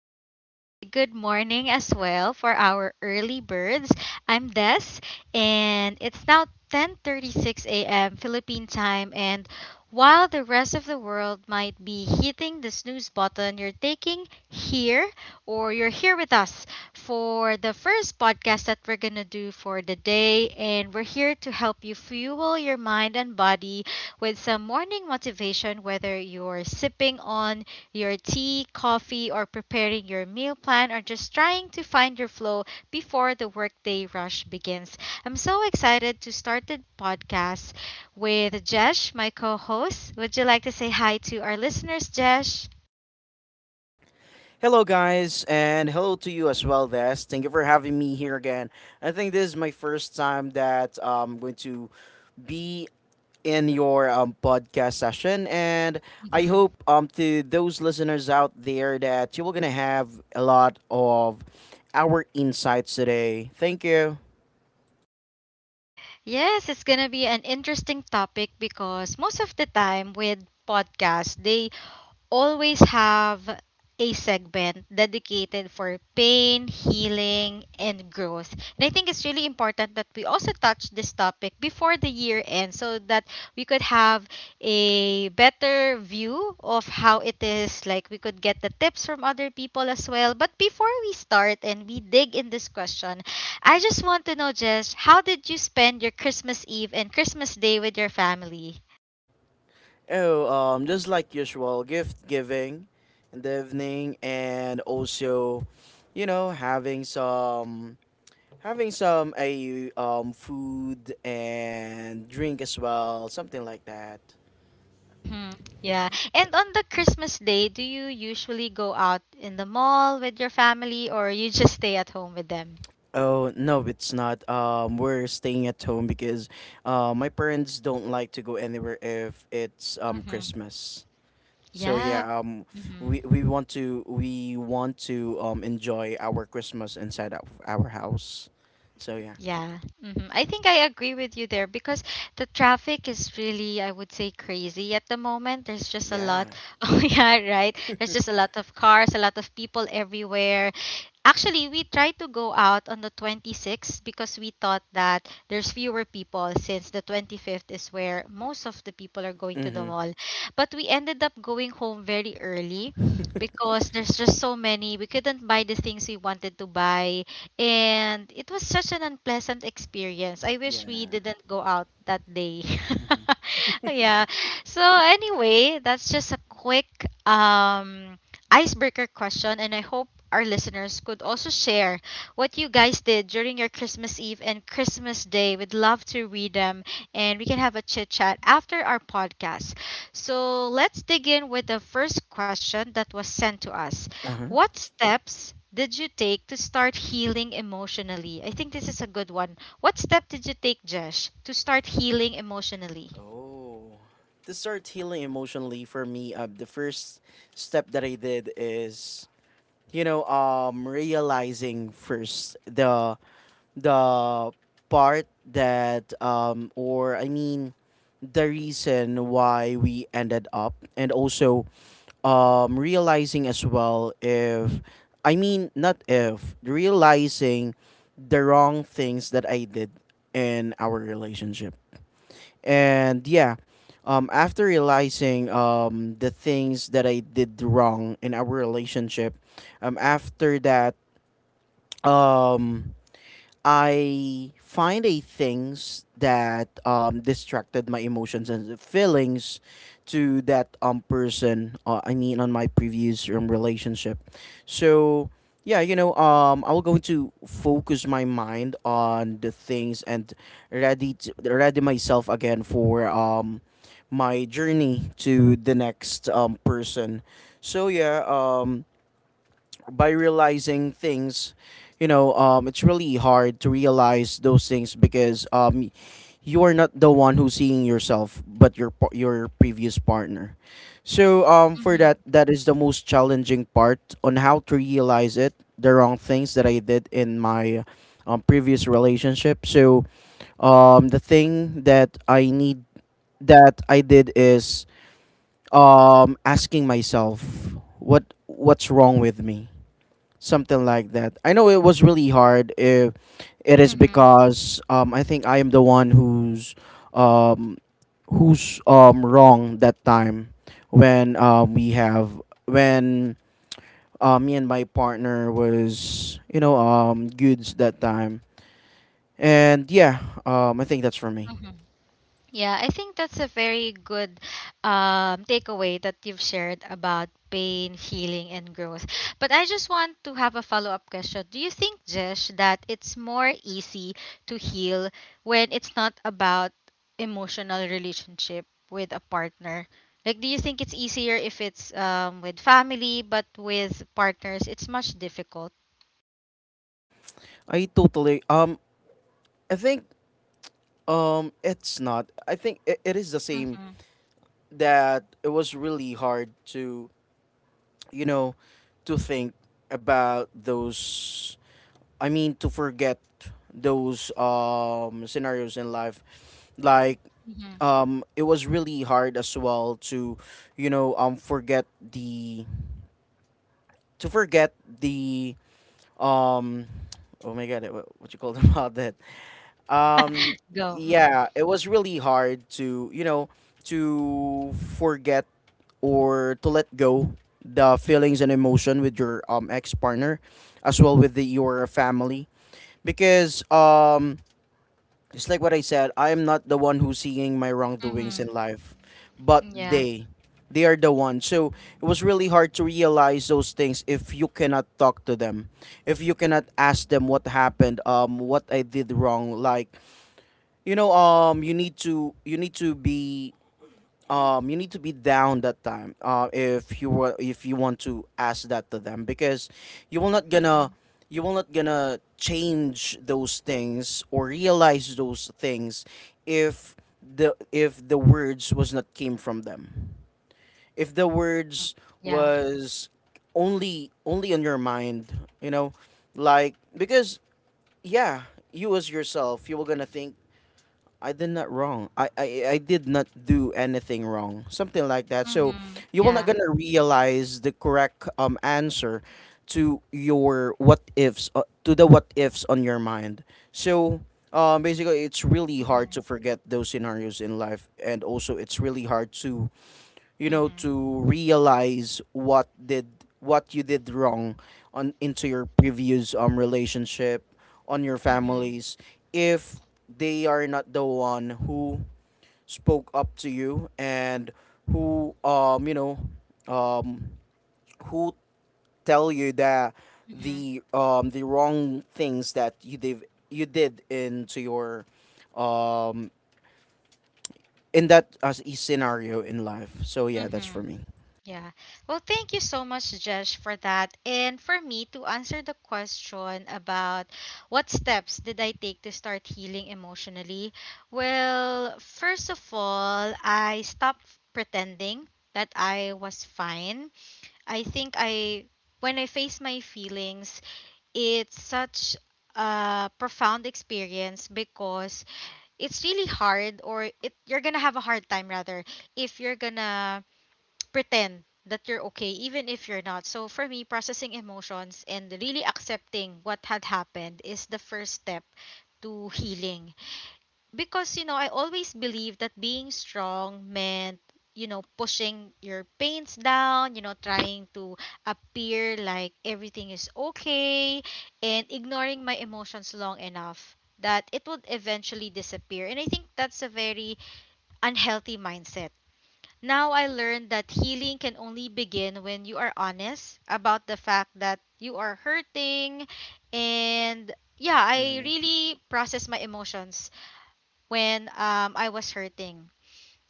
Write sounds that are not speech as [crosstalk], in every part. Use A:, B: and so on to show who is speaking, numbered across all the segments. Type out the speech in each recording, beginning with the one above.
A: or should I say good morning as well for our early birds. I'm Des, and it's now 10:36 a.m. Philippine time, and while the rest of the world might be hitting the snooze button, you're taking here or you're here with us for the first podcast that we're going to do for the day, and we're here to help you fuel your mind and body with some morning motivation, whether you're sipping on your tea, coffee, or preparing your meal plan, or just trying to find your flow before the workday rush begins. I'm so excited to start the podcast with Jesh, my co host. Would you like to say hi to our listeners, Jesh?
B: Hello, guys, and hello to you as well, Des. Thank you for having me here again. I think this is my first time that I'm going to be in your podcast session, and I
A: Mhm.
B: hope to those listeners out there that you are going to have a lot of our insights today. Thank you.
A: Yes, it's gonna be an interesting topic because most of the time with podcasts, they always have a segment dedicated for pain, healing, and growth. And I think it's really important that we also touch this topic before the year ends so that we could have a better view of how it is. Like we could get the tips from other people as well. But before we start and we dig in this question, I just want to know, Jess, how did you spend your Christmas Eve and Christmas Day with your family?
B: Oh, just like usual, gift giving in the evening, and also, having some a food and drink as well, something like that.
A: Mm-hmm. Yeah. And on the Christmas day, do you usually go out in the mall with your family or you just stay at home with them?
B: Oh no, it's not. We're staying at home because my parents don't like to go anywhere if it's
A: Mm-hmm.
B: Christmas. So
A: Yeah.
B: yeah,
A: Mm-hmm.
B: we want to enjoy our Christmas inside of our house. So yeah,
A: Yeah, hmm, I think I agree with you there because the traffic is really, I would say, crazy at the moment. There's just a
B: yeah.
A: lot. [laughs] Oh, yeah, right. There's just a lot of cars, a lot of people everywhere. Actually, we tried to go out on the 26th because we thought that there's fewer people since the 25th is where most of the people are going to the
B: Mm-hmm.
A: mall. But we ended up going home very early
B: [laughs]
A: because there's just so many. We couldn't buy the things we wanted to buy. And it was such an unpleasant experience. I wish we
B: Yeah.
A: didn't go out that day. [laughs] Yeah. So anyway, that's just a quick icebreaker question and I hope our listeners could also share what you guys did during your Christmas Eve and Christmas Day. We'd love to read them and we can have a chit chat after our podcast. So let's dig in with the first question that was sent to us.
B: Uh huh.
A: What steps did you take to start healing emotionally? I think this is a good one. What step did you take, Jesh, to start healing emotionally?
B: Oh. To start healing emotionally for me, the first step that I did is, realizing first the part that the reason why we ended up, and also, realizing as well if I mean not if realizing the wrong things that I did in our relationship. And after realizing the things that I did wrong in our relationship, after that, um I find a things that distracted my emotions and feelings to that person. I mean, on my previous relationship. So yeah, I will going to focus my mind on the things and ready myself again for my journey to the next person. So yeah, by realizing things, it's really hard to realize those things because you are not the one who's seeing yourself but your previous partner. So for
A: Mm-hmm.
B: that, that is the most challenging part on how to realize it, the wrong things that I did in my previous relationship. So the thing that I need that I did is asking myself what's wrong with me, something like that. I know it was really hard. If it is
A: Mm-hmm.
B: because I think I am the one who's um, wrong that time when we have when me and my partner was goods that time. And yeah, I think that's for me.
A: Yeah, I think that's a very good takeaway that you've shared about pain, healing, and growth. But I just want to have a follow up question. Do you think, Jesh, that it's more easy to heal when it's not about emotional relationship with a partner? Like, do you think it's easier if it's with family, but with partners, it's much difficult?
B: I totally um, I think it's not. I think it is the same
A: Mm-hmm.
B: that it was really hard to, you know, to think about those. I mean, to forget those scenarios in life, like,
A: Mm-hmm.
B: it was really hard as well to, forget the to forget the um, oh my god, what you call them [laughs] about that? um
A: [laughs] Go. Mm-hmm.
B: yeah, it was really hard to, to forget or to let go the feelings and emotion with your ex partner, as well with your family, because it's like what I said, I am not the one who's seeing my wrongdoings in
A: Mm-hmm.
B: life, but
A: Yeah.
B: they are the one. So it was really hard to realize those things if you cannot talk to them, if you cannot ask them what happened, what I did wrong. Like, you need to you need to be down that time. If you were if you want to ask that to them because you will not gonna
A: Mm-hmm.
B: you will not gonna change those things or realize those things if the words was not came from them, if the
A: Mm-hmm.
B: words
A: Yeah.
B: was only on your mind, you know. Like, because yeah, you as yourself, you were gonna think, I did not wrong. I did not do anything wrong. Something like that. So
A: Mm-hmm.
B: you will not
A: Yeah.
B: gonna realize the correct answer to your what ifs, to the what ifs on your mind. So basically, it's really hard to
A: Mm-hmm.
B: forget those scenarios in life, and also it's really hard to,
A: Mm-hmm.
B: to realize what you did wrong on into your previous relationship, on your
A: Mm-hmm.
B: families, if they are not the one who spoke up to you and who, um who tell you that
A: Mm-hmm.
B: the wrong things that you did, into your um in that as a scenario in life. So yeah, that's for
A: Mm-hmm.
B: me.
A: Yeah. Well, thank you so much, Jesh, for that. And for me to answer the question about what steps did I take to start healing emotionally? Well, first of all, I stopped pretending that I was fine. I think I When I face my feelings, it's such a profound experience because it's really hard, or it you're gonna have a hard time rather, if you're gonna pretend that you're okay even if you're not. So for me, processing emotions and really accepting what had happened is the first step to healing, because, you know, I always believed that being strong meant, you know, pushing your pains down, you know, trying to appear like everything is okay and ignoring my emotions long enough that it would eventually disappear. And I think that's a very unhealthy mindset. Now I learned that healing can only begin when you are honest about the fact that you are hurting. And yeah, I
B: Mhm.
A: really process my emotions when I was hurting.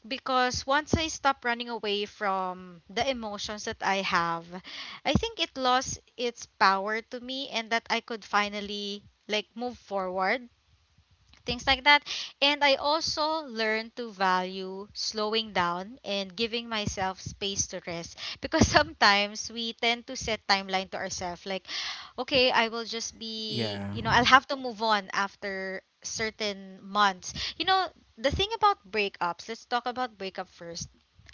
A: Because once I stopped running away from the emotions that I have, I think it lost its power to me and that I could finally like move forward, things like that. And I also learned to value slowing down and giving myself space to rest, because [laughs] sometimes we tend to set timeline to ourselves like, okay, I will just be,
B: Yeah.
A: you know, [laughs] I'll have to move on after certain months. You know, the thing about breakups, let's talk about breakup first.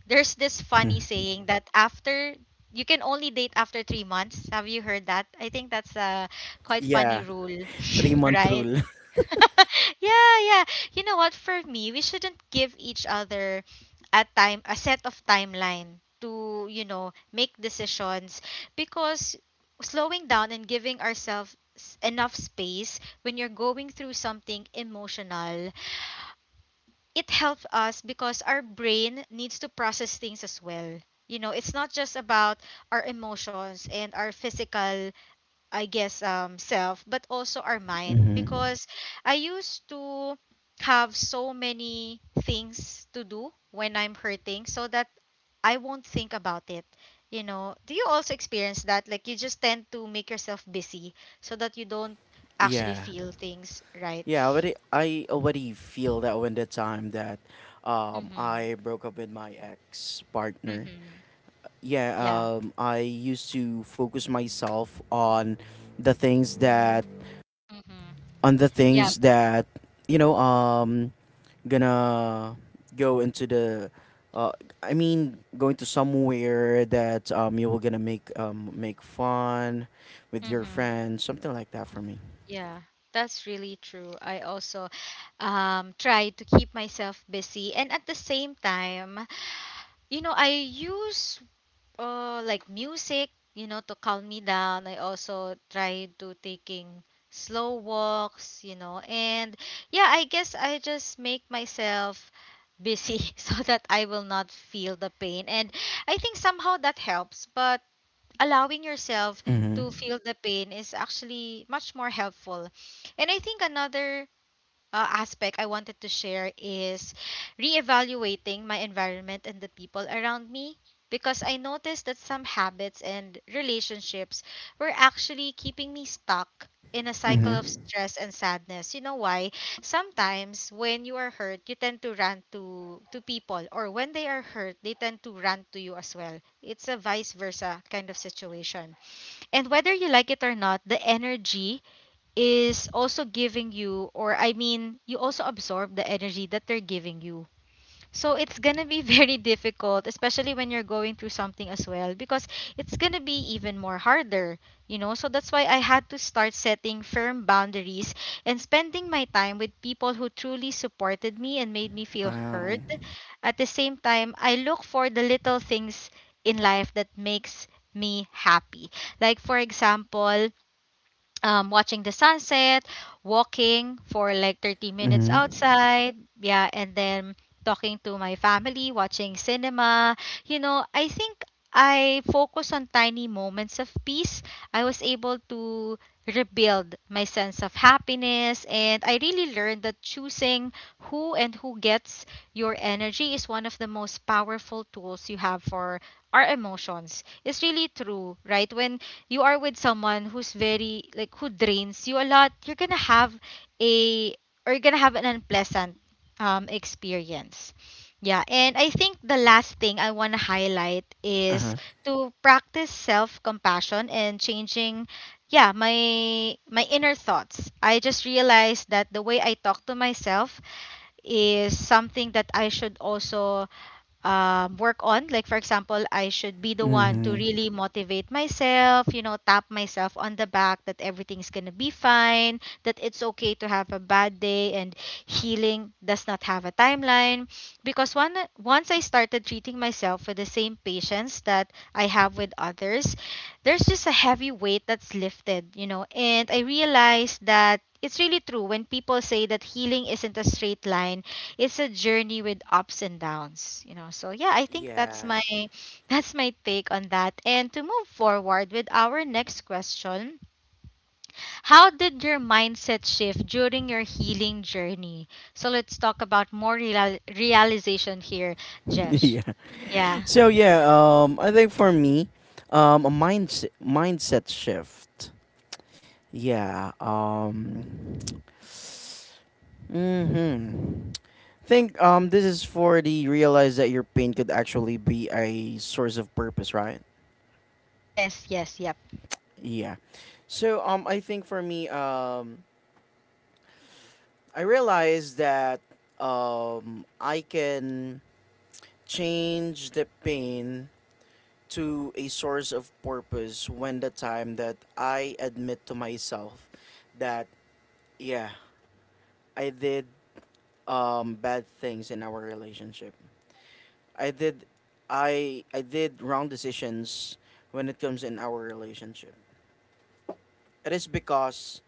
A: There's this funny
B: Mhm.
A: saying that after, you can only date after 3 months. Have you heard that? I think that's a quite funny
B: Yeah.
A: rule,
B: Three
A: [laughs]
B: month
A: right?
B: rule.
A: [laughs] Yeah, yeah. You know what? For me, we shouldn't give each other a time, a set of timeline to, you know, make decisions, because slowing down and giving ourselves enough space when you're going through something emotional, it helps us because our brain needs to process things as well. You know, it's not just about our emotions and our physical, I guess, self, but also our
B: [laughs]
A: mind,
B: Hmm.
A: because I used to have so many things to do when I'm hurting so that I won't think about it. You know, do you also experience that, like you just tend to make yourself busy so that you don't actually
B: Yeah.
A: feel things, right?
B: I already feel that when the time that
A: Mhm.
B: I broke up with my ex partner.
A: Mhm.
B: Yeah,
A: Yeah.
B: I used to focus myself on the things that
A: Mhm.
B: on the
A: Yep.
B: things that, you know um gonna go into the uh, I mean, going to somewhere that you were gonna make make fun with your
A: Mhm.
B: friends, something like that for me.
A: Yeah. That's really true. I also try to keep myself busy, and at the same time, you know, I use like music, you know, to calm me down. I also try to taking slow walks, you know. And yeah, I guess I just make myself busy [laughs] so that I will not feel the pain. And I think somehow that helps, but allowing yourself
B: Mhm.
A: to feel the pain is actually much more helpful. And I think another aspect I wanted to share is reevaluating my environment and the people around me, because I noticed that some habits and relationships were actually keeping me stuck in a cycle of
B: Mhm.
A: stress and sadness. You know why? Sometimes when you are hurt, you tend to run to people, or when they are hurt, they tend to run to you as well. It's a vice versa kind of situation. And whether you like it or not, the energy is also giving you, or I mean, you also absorb the energy that they're giving you. So it's gonna be [laughs] very difficult, especially when you're going through something as well, because it's gonna be even more harder, you know? So that's why I had to start setting firm boundaries and spending my time with people who truly supported me and made me feel
B: Wow.
A: heard. At the same time, I look for the little things in life that makes me happy. Like for example, watching the sunset, walking for like 30 minutes
B: Mhm.
A: outside, yeah, and then talking to my family, watching cinema. You know, I think I focus on tiny moments of peace. I was able to rebuild my sense of happiness, and I really learned that choosing who and who gets your energy is one of the most powerful tools you have for our emotions. It's really true, right? When you are with someone who's very like who drains you a lot, you're gonna have a, or you're gonna have an unpleasant experience. Yeah, and I think the last thing I want to highlight is
B: Uh-huh.
A: to practice self-compassion and changing, yeah, my inner thoughts. I just realized that the way I talk to myself is something that I should also work on. Like, for example, I should be the one to
B: Mhm.
A: really motivate myself, you know, tap myself on the back that everything's going to be fine, that it's okay to have a bad day, and healing does not have a timeline. Because one, once I started treating myself with the same patience that I have with others, there's just a heavy weight that's lifted, you know, and I realized that. It's really true when people say that healing isn't a straight line. It's a journey with ups and downs, you know. So yeah, I think that's
B: Yeah.
A: my [laughs] that's my take on that. And to move forward with our next question, how did your mindset shift during your healing journey? So let's talk about more realization here,
B: [laughs]
A: Jesh.
B: Yeah.
A: Yeah.
B: So yeah, I think for me, a mindset mindset shift. Yeah. Um. Mm-hmm. Think this is for the realize that your pain could actually be a source of purpose, right?
A: Yes, yes, yep.
B: Yeah. So I think for me, I realized that I can change the pain to a source of purpose when the time that I admit to myself that yeah, I did bad things in our relationship. I did I did wrong decisions when it comes in our relationship. It is because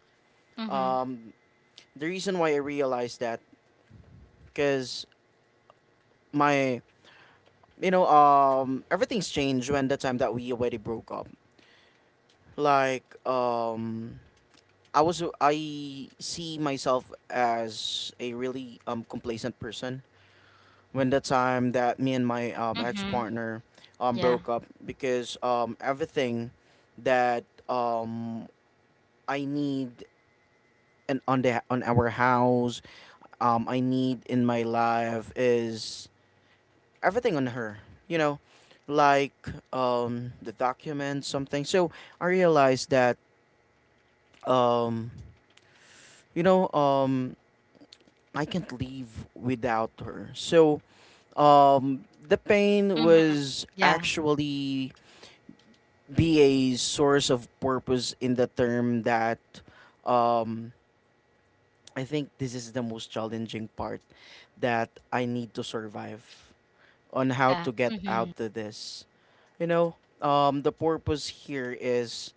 A: Mm-hmm.
B: um the reason why I realized that because my you know, everything's changed when the time that we already broke up. Like, I see myself as a really complacent person when the time that me and my ex
A: Mm-hmm.
B: partner
A: Yeah.
B: broke up, because everything that um I need an on the on our house, I need in my life, is everything on her. You know, like, the documents, something. So I realized that, um you know um I can't live without her. So the pain
A: Mm-hmm.
B: was
A: Yeah.
B: actually be a source of purpose, in the term that um I think this is the most challenging part that I need to survive on how
A: Yeah.
B: to get
A: Mm-hmm.
B: out of this. You know, the purpose here is,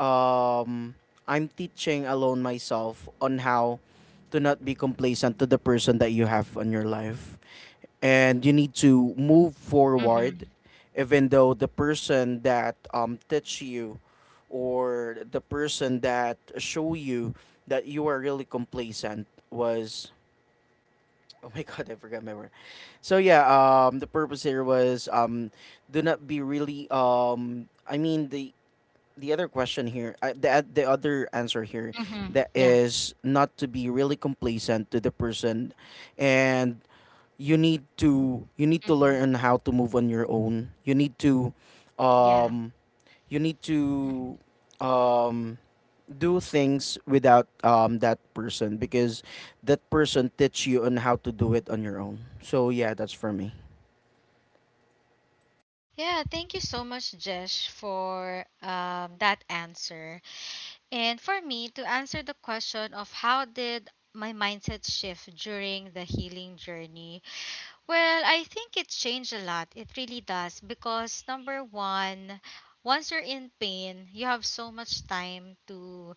B: um, I'm teaching alone myself on how to not be complacent to the person that you have on your life, and you need to move
A: Mm-hmm.
B: forward even though the person that teach you, or the person that show you that you are really complacent, was, oh my [laughs] god, I forgot my word. So yeah, the purpose here was, do not be really I mean the other question here the other answer here,
A: Mm-hmm.
B: that
A: Yeah.
B: is not to be really complacent to the person, and you need to
A: Mm-hmm.
B: learn on how to move on your own. You need to
A: Yeah.
B: um you need
A: Mm-hmm.
B: to um do things without that person, because that person teach you on how to do it on your own. So yeah, that's for me.
A: Yeah, thank you so much, Jesh, for that answer. And for me, to answer the question of how did my mindset shift during the healing journey, well, I think it changed a lot. It really does. Because, number one, once you're in pain, you have so much time to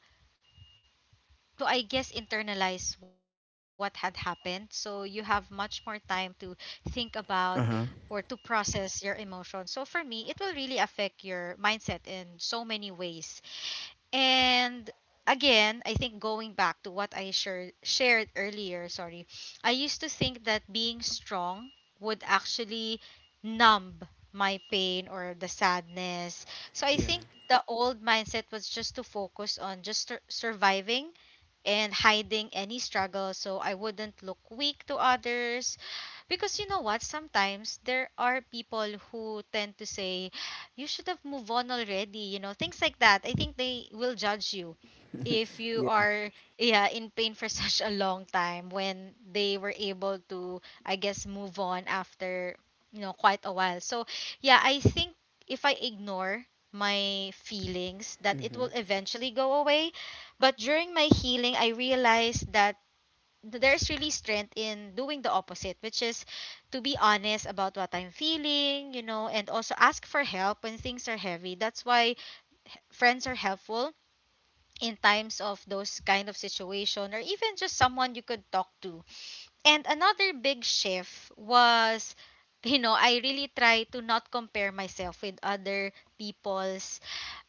A: I guess internalize what had happened. So you have much more time to think about or to
B: Uh-huh.
A: process your emotions. So for me, it will really affect your mindset in so many ways. And again, I think going back to what I shared earlier, sorry, I used to think that being strong would actually numb my pain or the sadness. So I
B: Yeah.
A: think the old mindset was just to focus on just surviving and hiding any struggle so I wouldn't look weak to others. Because you know what? Sometimes there are people who tend to say, you should have moved on already, you know, things like that. I think they will judge you
B: [laughs]
A: if you
B: Yeah.
A: are yeah in pain for [laughs] such a long time when they were able to, I guess, move on after, you know, quite a while. So yeah, I think if I ignore my feelings that it will
B: Mhm.
A: eventually go away. But during my healing, I realized that there's really strength in doing the opposite, which is to be honest about what I'm feeling, you know, and also ask for help when things are heavy. That's why friends are helpful in times of those kind of situation, or even just someone you could talk to. And another big shift was [laughs] you know, I really try to not compare myself with other people's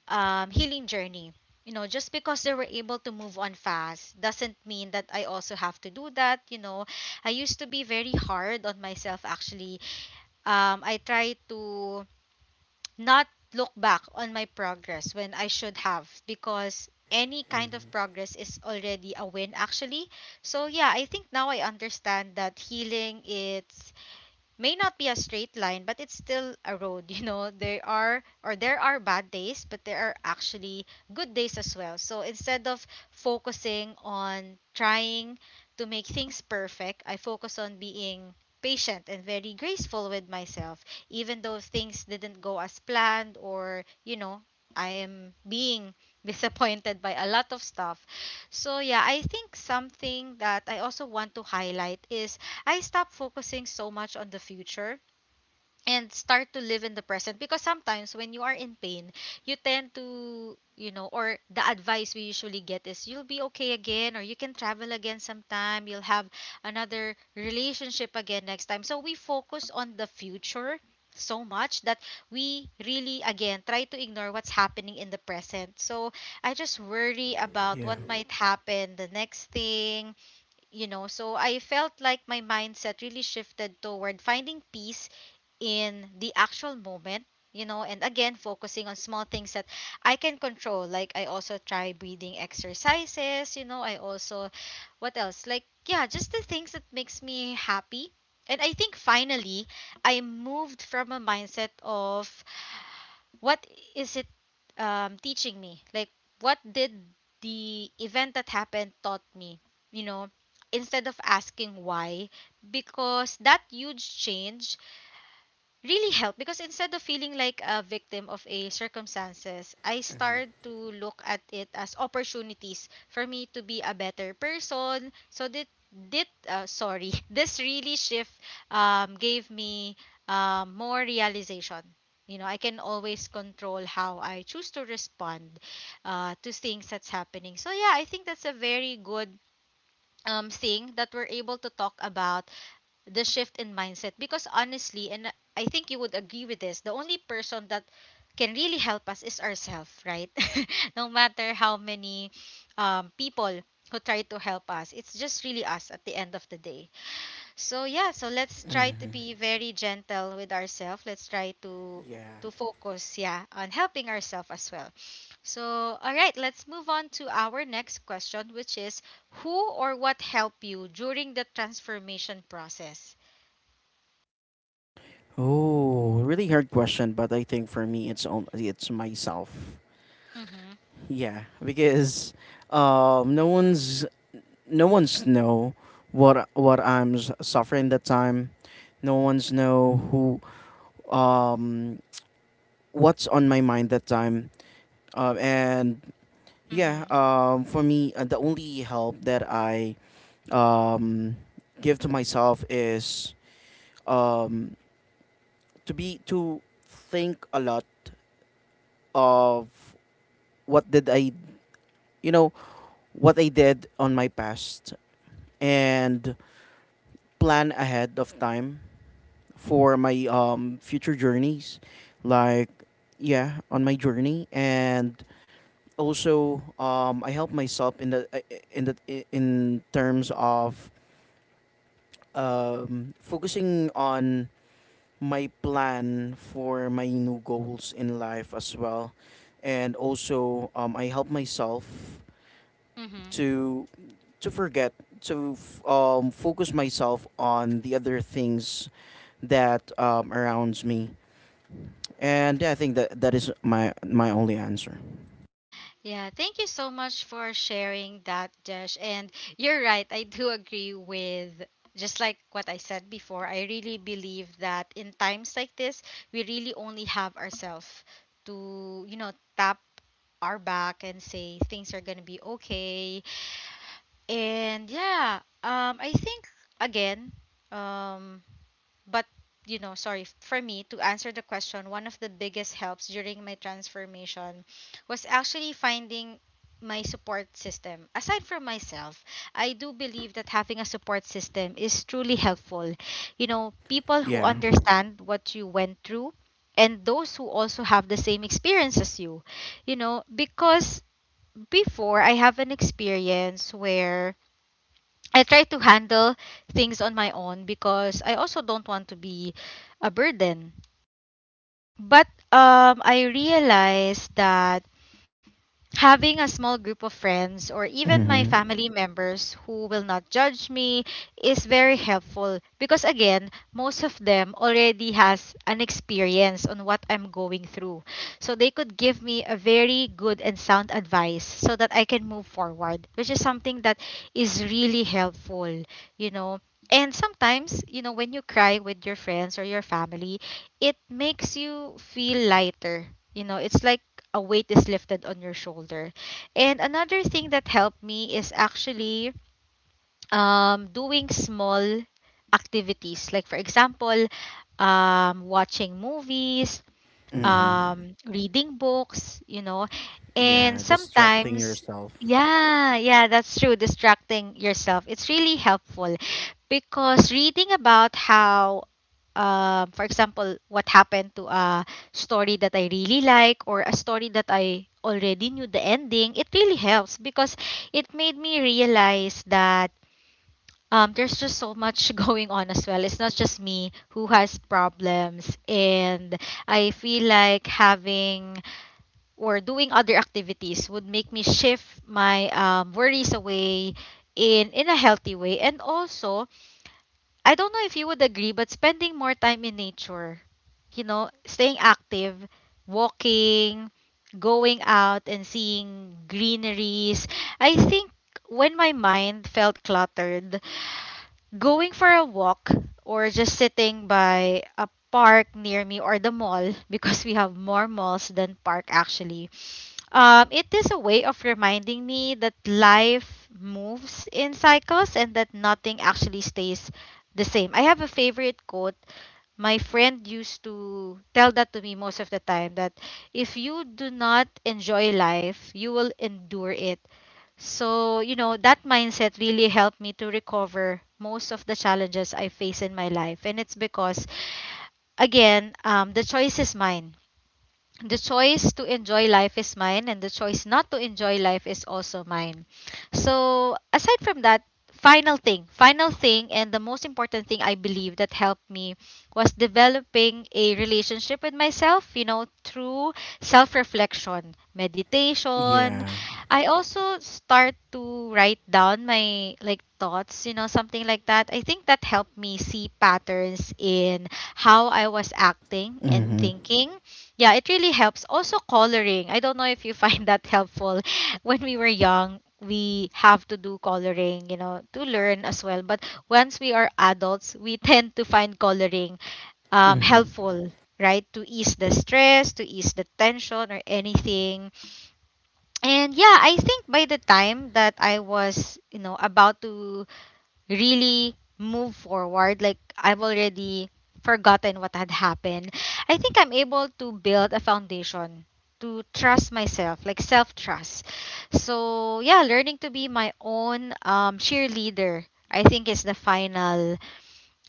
A: healing journey. You know, just because they were able to move on fast doesn't mean that I also have to do that. You know, I used to be very hard on myself actually. I try to not look back on my progress when I should have, because any kind of
B: Mhm.
A: progress is already a win actually. So yeah, I think now I understand that healing, it's may not be a straight line, but it's still a road, [laughs] you know. There are, or there are bad days, but there are actually good days as well. So instead of focusing on trying to make things perfect, I focus on being patient and very graceful with myself, even though things didn't go as planned or, you know, I am being [laughs] disappointed by a lot of stuff. So yeah, I think something that I also want to highlight is I stop focusing so much on the future and start to live in the present. Because sometimes when you are in pain, you tend to, you know, or the advice we usually get is you'll be okay again, or you can travel again sometime, you'll have another relationship again next time. So we focus on the future so much that we really again try to ignore what's happening in the present. So I just worry about
B: Yeah.
A: what might happen, the next thing, you know. So I felt like my mindset really shifted toward finding peace in the actual moment, you know. And again, focusing on small things that I can control. Like I also try breathing exercises, you know, I also what else, like, yeah, just the things that makes me happy. And I think finally I moved from a mindset of what is it teaching me? Like, what did the event that happened taught me? You know, instead of asking why, because that huge change really helped. Because instead of feeling like a victim of a circumstances, I start to look at it as opportunities for me to be a better person. So that did sorry, [laughs] this really shift gave me more realization. You know, I can always control how I choose to respond to things that's happening. So yeah, I think that's a very good thing that we're able to talk about, the shift in mindset. Because honestly, and I think you would agree with this, the only person that can really help us is ourselves, right? [laughs] No matter how many people who try to help us, it's just really us at the end of the day. So yeah, so let's try to
B: Mhm.
A: be very gentle with ourselves. Let's try
B: Yeah.
A: to focus, yeah, on helping ourselves as well. So all right, let's move on to our next question, which is who or what helped you during the transformation process.
B: Oh, really hard question, but I think for me, it's on, it's myself.
A: Mm-hmm.
B: Yeah, because um, no one's no one's know what I'm suffering that time. No one's know who, um what's on my mind that time. And yeah,
A: Mm-hmm.
B: for me, the only help that I um give to myself is um to be, to think a lot of what did I you know, what I did on my past, and plan ahead of time for my future journeys. Like, yeah, on my journey. And also, I help myself in the, in the in terms of focusing on my plan for my new goals in life as well. And also, I help myself
A: Mm-hmm.
B: to focus myself on the other things that arounds me. And yeah, I think that that is my only answer.
A: Yeah, thank you so much for sharing that, Jesh. And you're right, I do agree with, just like what I said before, I really believe that in times like this, we really only have ourselves to, you know, tap our back and say things are going to be okay. And yeah, I think again, um but, you know, sorry, for me to answer the question, one of the biggest helps during my transformation was actually finding my support system. Aside from myself, I do believe that having a support system is truly helpful. You know, people who
B: Yeah.
A: understand what you went through and those who also have the same experience as you. You know, because before I have an experience where I try to handle things on my own because I also don't want to be a burden. But I realized that having a small group of friends or even my
B: Mhm.
A: family members who will not judge me is very helpful. Because again, most of them already has an experience on what I'm going through, so they could give me a very good and sound advice so that I can move forward, which is something that is really helpful, you know. And sometimes, you know, when you cry with your friends or your family, it makes you feel lighter, you know. It's like a weight is lifted on your shoulder. And another thing that helped me is actually doing small activities. Like, for example, watching movies,
B: Mhm.
A: reading books, you know, and
B: Yeah, distracting
A: sometimes,
B: yourself.
A: yeah, yeah, that's true. Distracting yourself. It's really helpful because reading about how, for example, what happened to a story that I really like, or a story that I already knew the ending, it really helps. Because it made me realize that there's just so much [laughs] going on as well. It's not just me who has problems, and I feel like having or doing other activities would make me shift my worries away in a healthy way. And also, I don't know if you would agree, but spending more time in nature, you know, staying active, walking, going out, and seeing greeneries. I think when my mind felt cluttered, going for a walk or just sitting by a park near me or the mall [laughs] because we have more malls than park actually. It is a way of reminding me that life moves in cycles and that nothing actually stays the same. I have a favorite quote my friend used to tell that to me most of the time that if you do not enjoy life, you will endure it. So, you know, that mindset really helped me to recover most of the challenges I face in my life. And it's because, again, the choice is mine. The choice to enjoy life is mine, and the choice not to enjoy life is also mine. So, aside from that, final thing, and the most important thing I believe that helped me was developing a relationship with myself, you know, through self reflection, meditation.
B: Yeah.
A: I also start to write down my like thoughts, you know, something like that. I think that helped me see patterns in how I was acting and
B: Mhm.
A: thinking. Yeah, it really helps. Also, coloring. I don't know if you [laughs] find that helpful. [laughs] When we were young, we have to do coloring, you know, to learn as well. But once we are adults, we [laughs] tend to find coloring
B: Mhm.
A: helpful, right? To ease the stress, to ease the tension, or anything. And yeah, I think by the time that I was, you know, about to really move forward. Like I've already forgotten what had happened. I think I'm able to build a foundation to trust myself, like self trust. So yeah, learning to be my own cheerleader, I think, is the final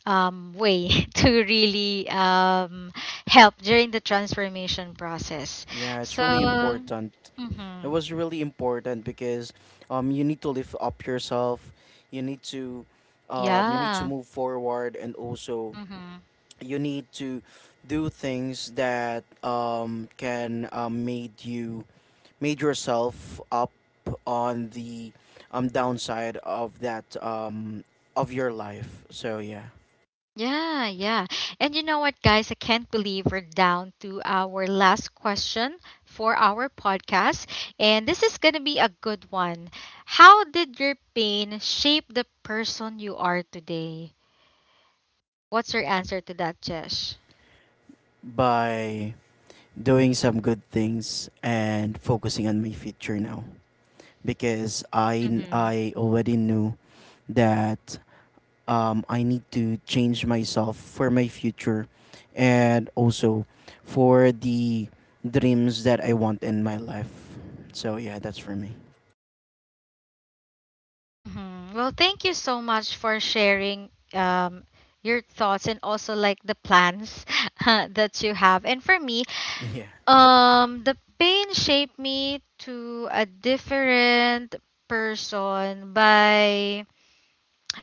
A: way [laughs] to really help during the transformation process.
B: Yeah, it's
A: So,
B: really important. It
A: mhm.
B: was really important because you need to lift up yourself. You need to
A: Yeah.
B: move forward. And also,
A: Mhm.
B: you need to do things that can made you made yourself up on the downside of that of your life. So yeah,
A: Yeah, yeah. And you know what, guys? I can't believe we're down to our last question for our podcast. And this is going to be a good one. How did your pain shape the person you are today? What's your answer to that, Jesh?
B: by doing some good things and focusing on my future now, because
A: Mm-hmm.
B: I already knew that I need to change myself for my future, and also for the dreams that I want in my life. So yeah, that's for me. [laughs]
A: Mm-hmm. Well, thank you so much for sharing your thoughts and also like the plans [laughs] that you have. And for me,
B: Yeah.
A: The pain shaped me to a different person by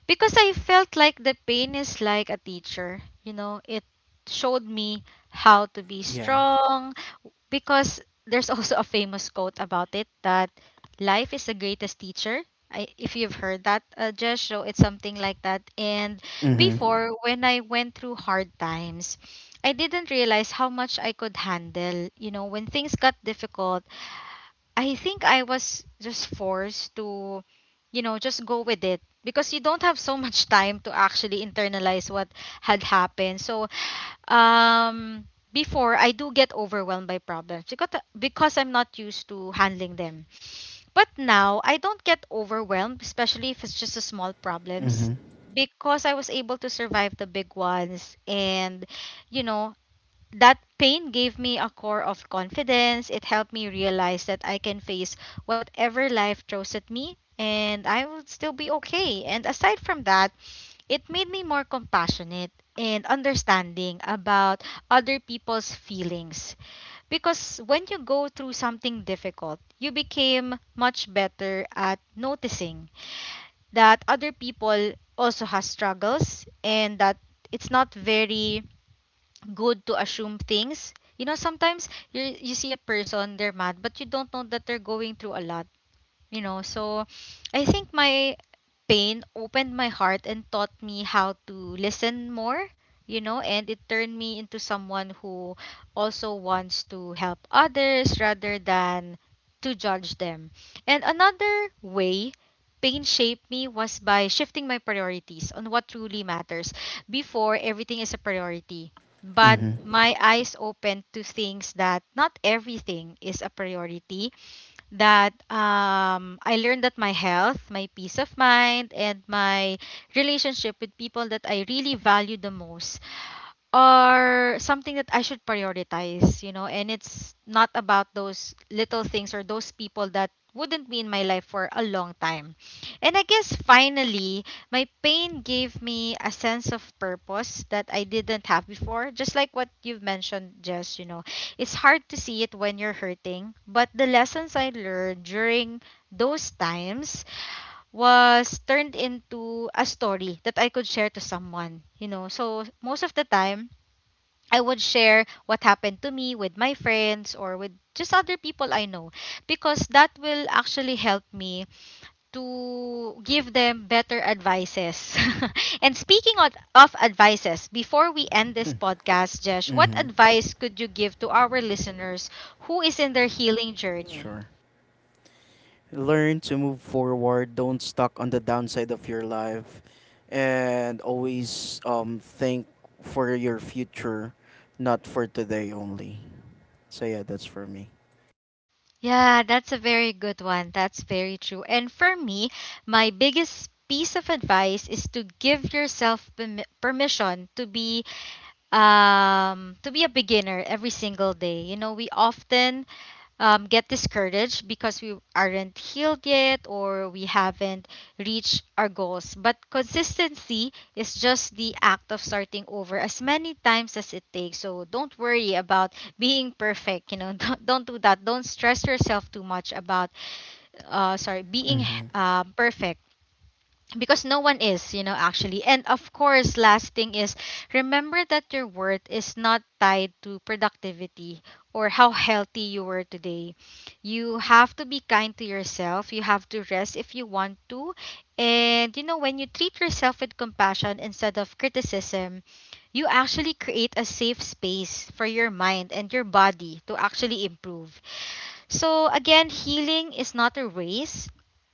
A: because I felt like the pain is like a teacher. You know, it showed me how to be
B: Yeah.
A: strong because there's [laughs] also a famous quote about it that life is the greatest teacher. I, if you've heard that, just so it's something like that. And
B: Mhm.
A: before, when I went through hard times, I didn't realize how much I could handle. You know, when things got difficult, I think I was just forced to, just go with it because you don't have so [laughs] much time to actually internalize what had happened. So, um, before I do get overwhelmed by problems because I'm not used to handling them. But now I don't get overwhelmed, especially if it's just a small problems
B: Mhm.
A: because I was able to survive the big ones and you know that pain gave me a core of confidence. It helped me realize that I can face whatever life throws at me and I will still be okay. And aside from that, it made me more compassionate and understanding about other people's feelings. Because when you go through something difficult, you became much better at noticing that other people also has struggles and that it's not very good to assume things. You know, sometimes you see a person, they're mad, but you don't know that they're going through a lot. So I think my pain opened my heart and taught me how to listen more, and it turned me into someone who also wants to help others rather than to judge them. And another way pain shaped me was by shifting my priorities on what truly matters. Before, everything is a priority, but
B: Mm-hmm.
A: my eyes opened to things that not everything is a priority. That I learned that my health, my peace of mind, and my relationship with people that I really value the most are something that I should prioritize, you know, and it's not about those little things or those people that wouldn't be in my life for a long time. And I guess finally, my pain gave me a sense of purpose that I didn't have before. Just like what you've mentioned, Jess, you know, it's hard to see it when you're hurting, but the lessons I learned during those times was turned into a story that I could share to someone, you know. So most of the time, I would share what happened to me with my friends or with just other people I know because that will actually help me to give them better advices. [laughs] And speaking of advices, before we end this podcast, Jesh, what
B: Mm-hmm.
A: advice could you give to our listeners who is in their healing journey?
B: Sure. Learn to move forward. Don't stuck on the downside of your life, and always think for your future, not for today only. So yeah, that's for me.
A: Yeah, that's a very good one. That's very true. And for me, my biggest piece of advice is to give yourself permission to be a beginner every single day. You know, we often get discouraged because we aren't healed yet or we haven't reached our goals. But consistency is just the act of starting over as many times as it takes. So don't worry about being perfect. You know, [laughs] don't do that. Don't stress yourself too much about, sorry, being
B: Mm-hmm.
A: perfect because no one is, you know, actually. And of course, last thing is, remember that your worth is not tied to productivity or how healthy you were today. You have to be kind to yourself. You have to rest if you want to, and you know, when you treat yourself with compassion instead of criticism, you actually create a safe space for your mind and your body to actually improve. So again, healing is not a race.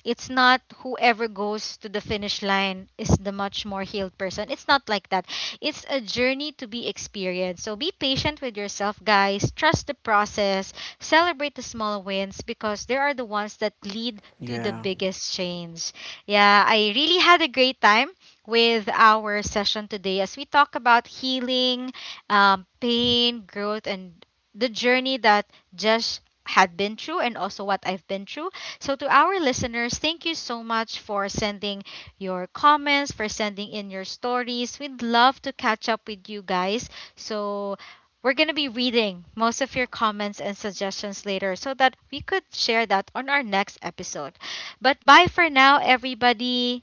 A: It's not whoever goes to the finish line is the much more healed person. It's not like that. It's a journey to be experienced. So be patient with yourself, guys. Trust the process. Celebrate the small wins because they are the ones that lead to the
B: Yeah.
A: biggest change. Yeah, I really had a great time with our session today as we talk about healing, pain, growth, and the journey that just had been through and also what I've been through. So, to our listeners, thank you so much for sending your comments, for sending in your stories. We'd love to catch up with you guys. So, we're going to be reading most of your comments and suggestions later so that we could share that on our next episode. But bye for now, everybody.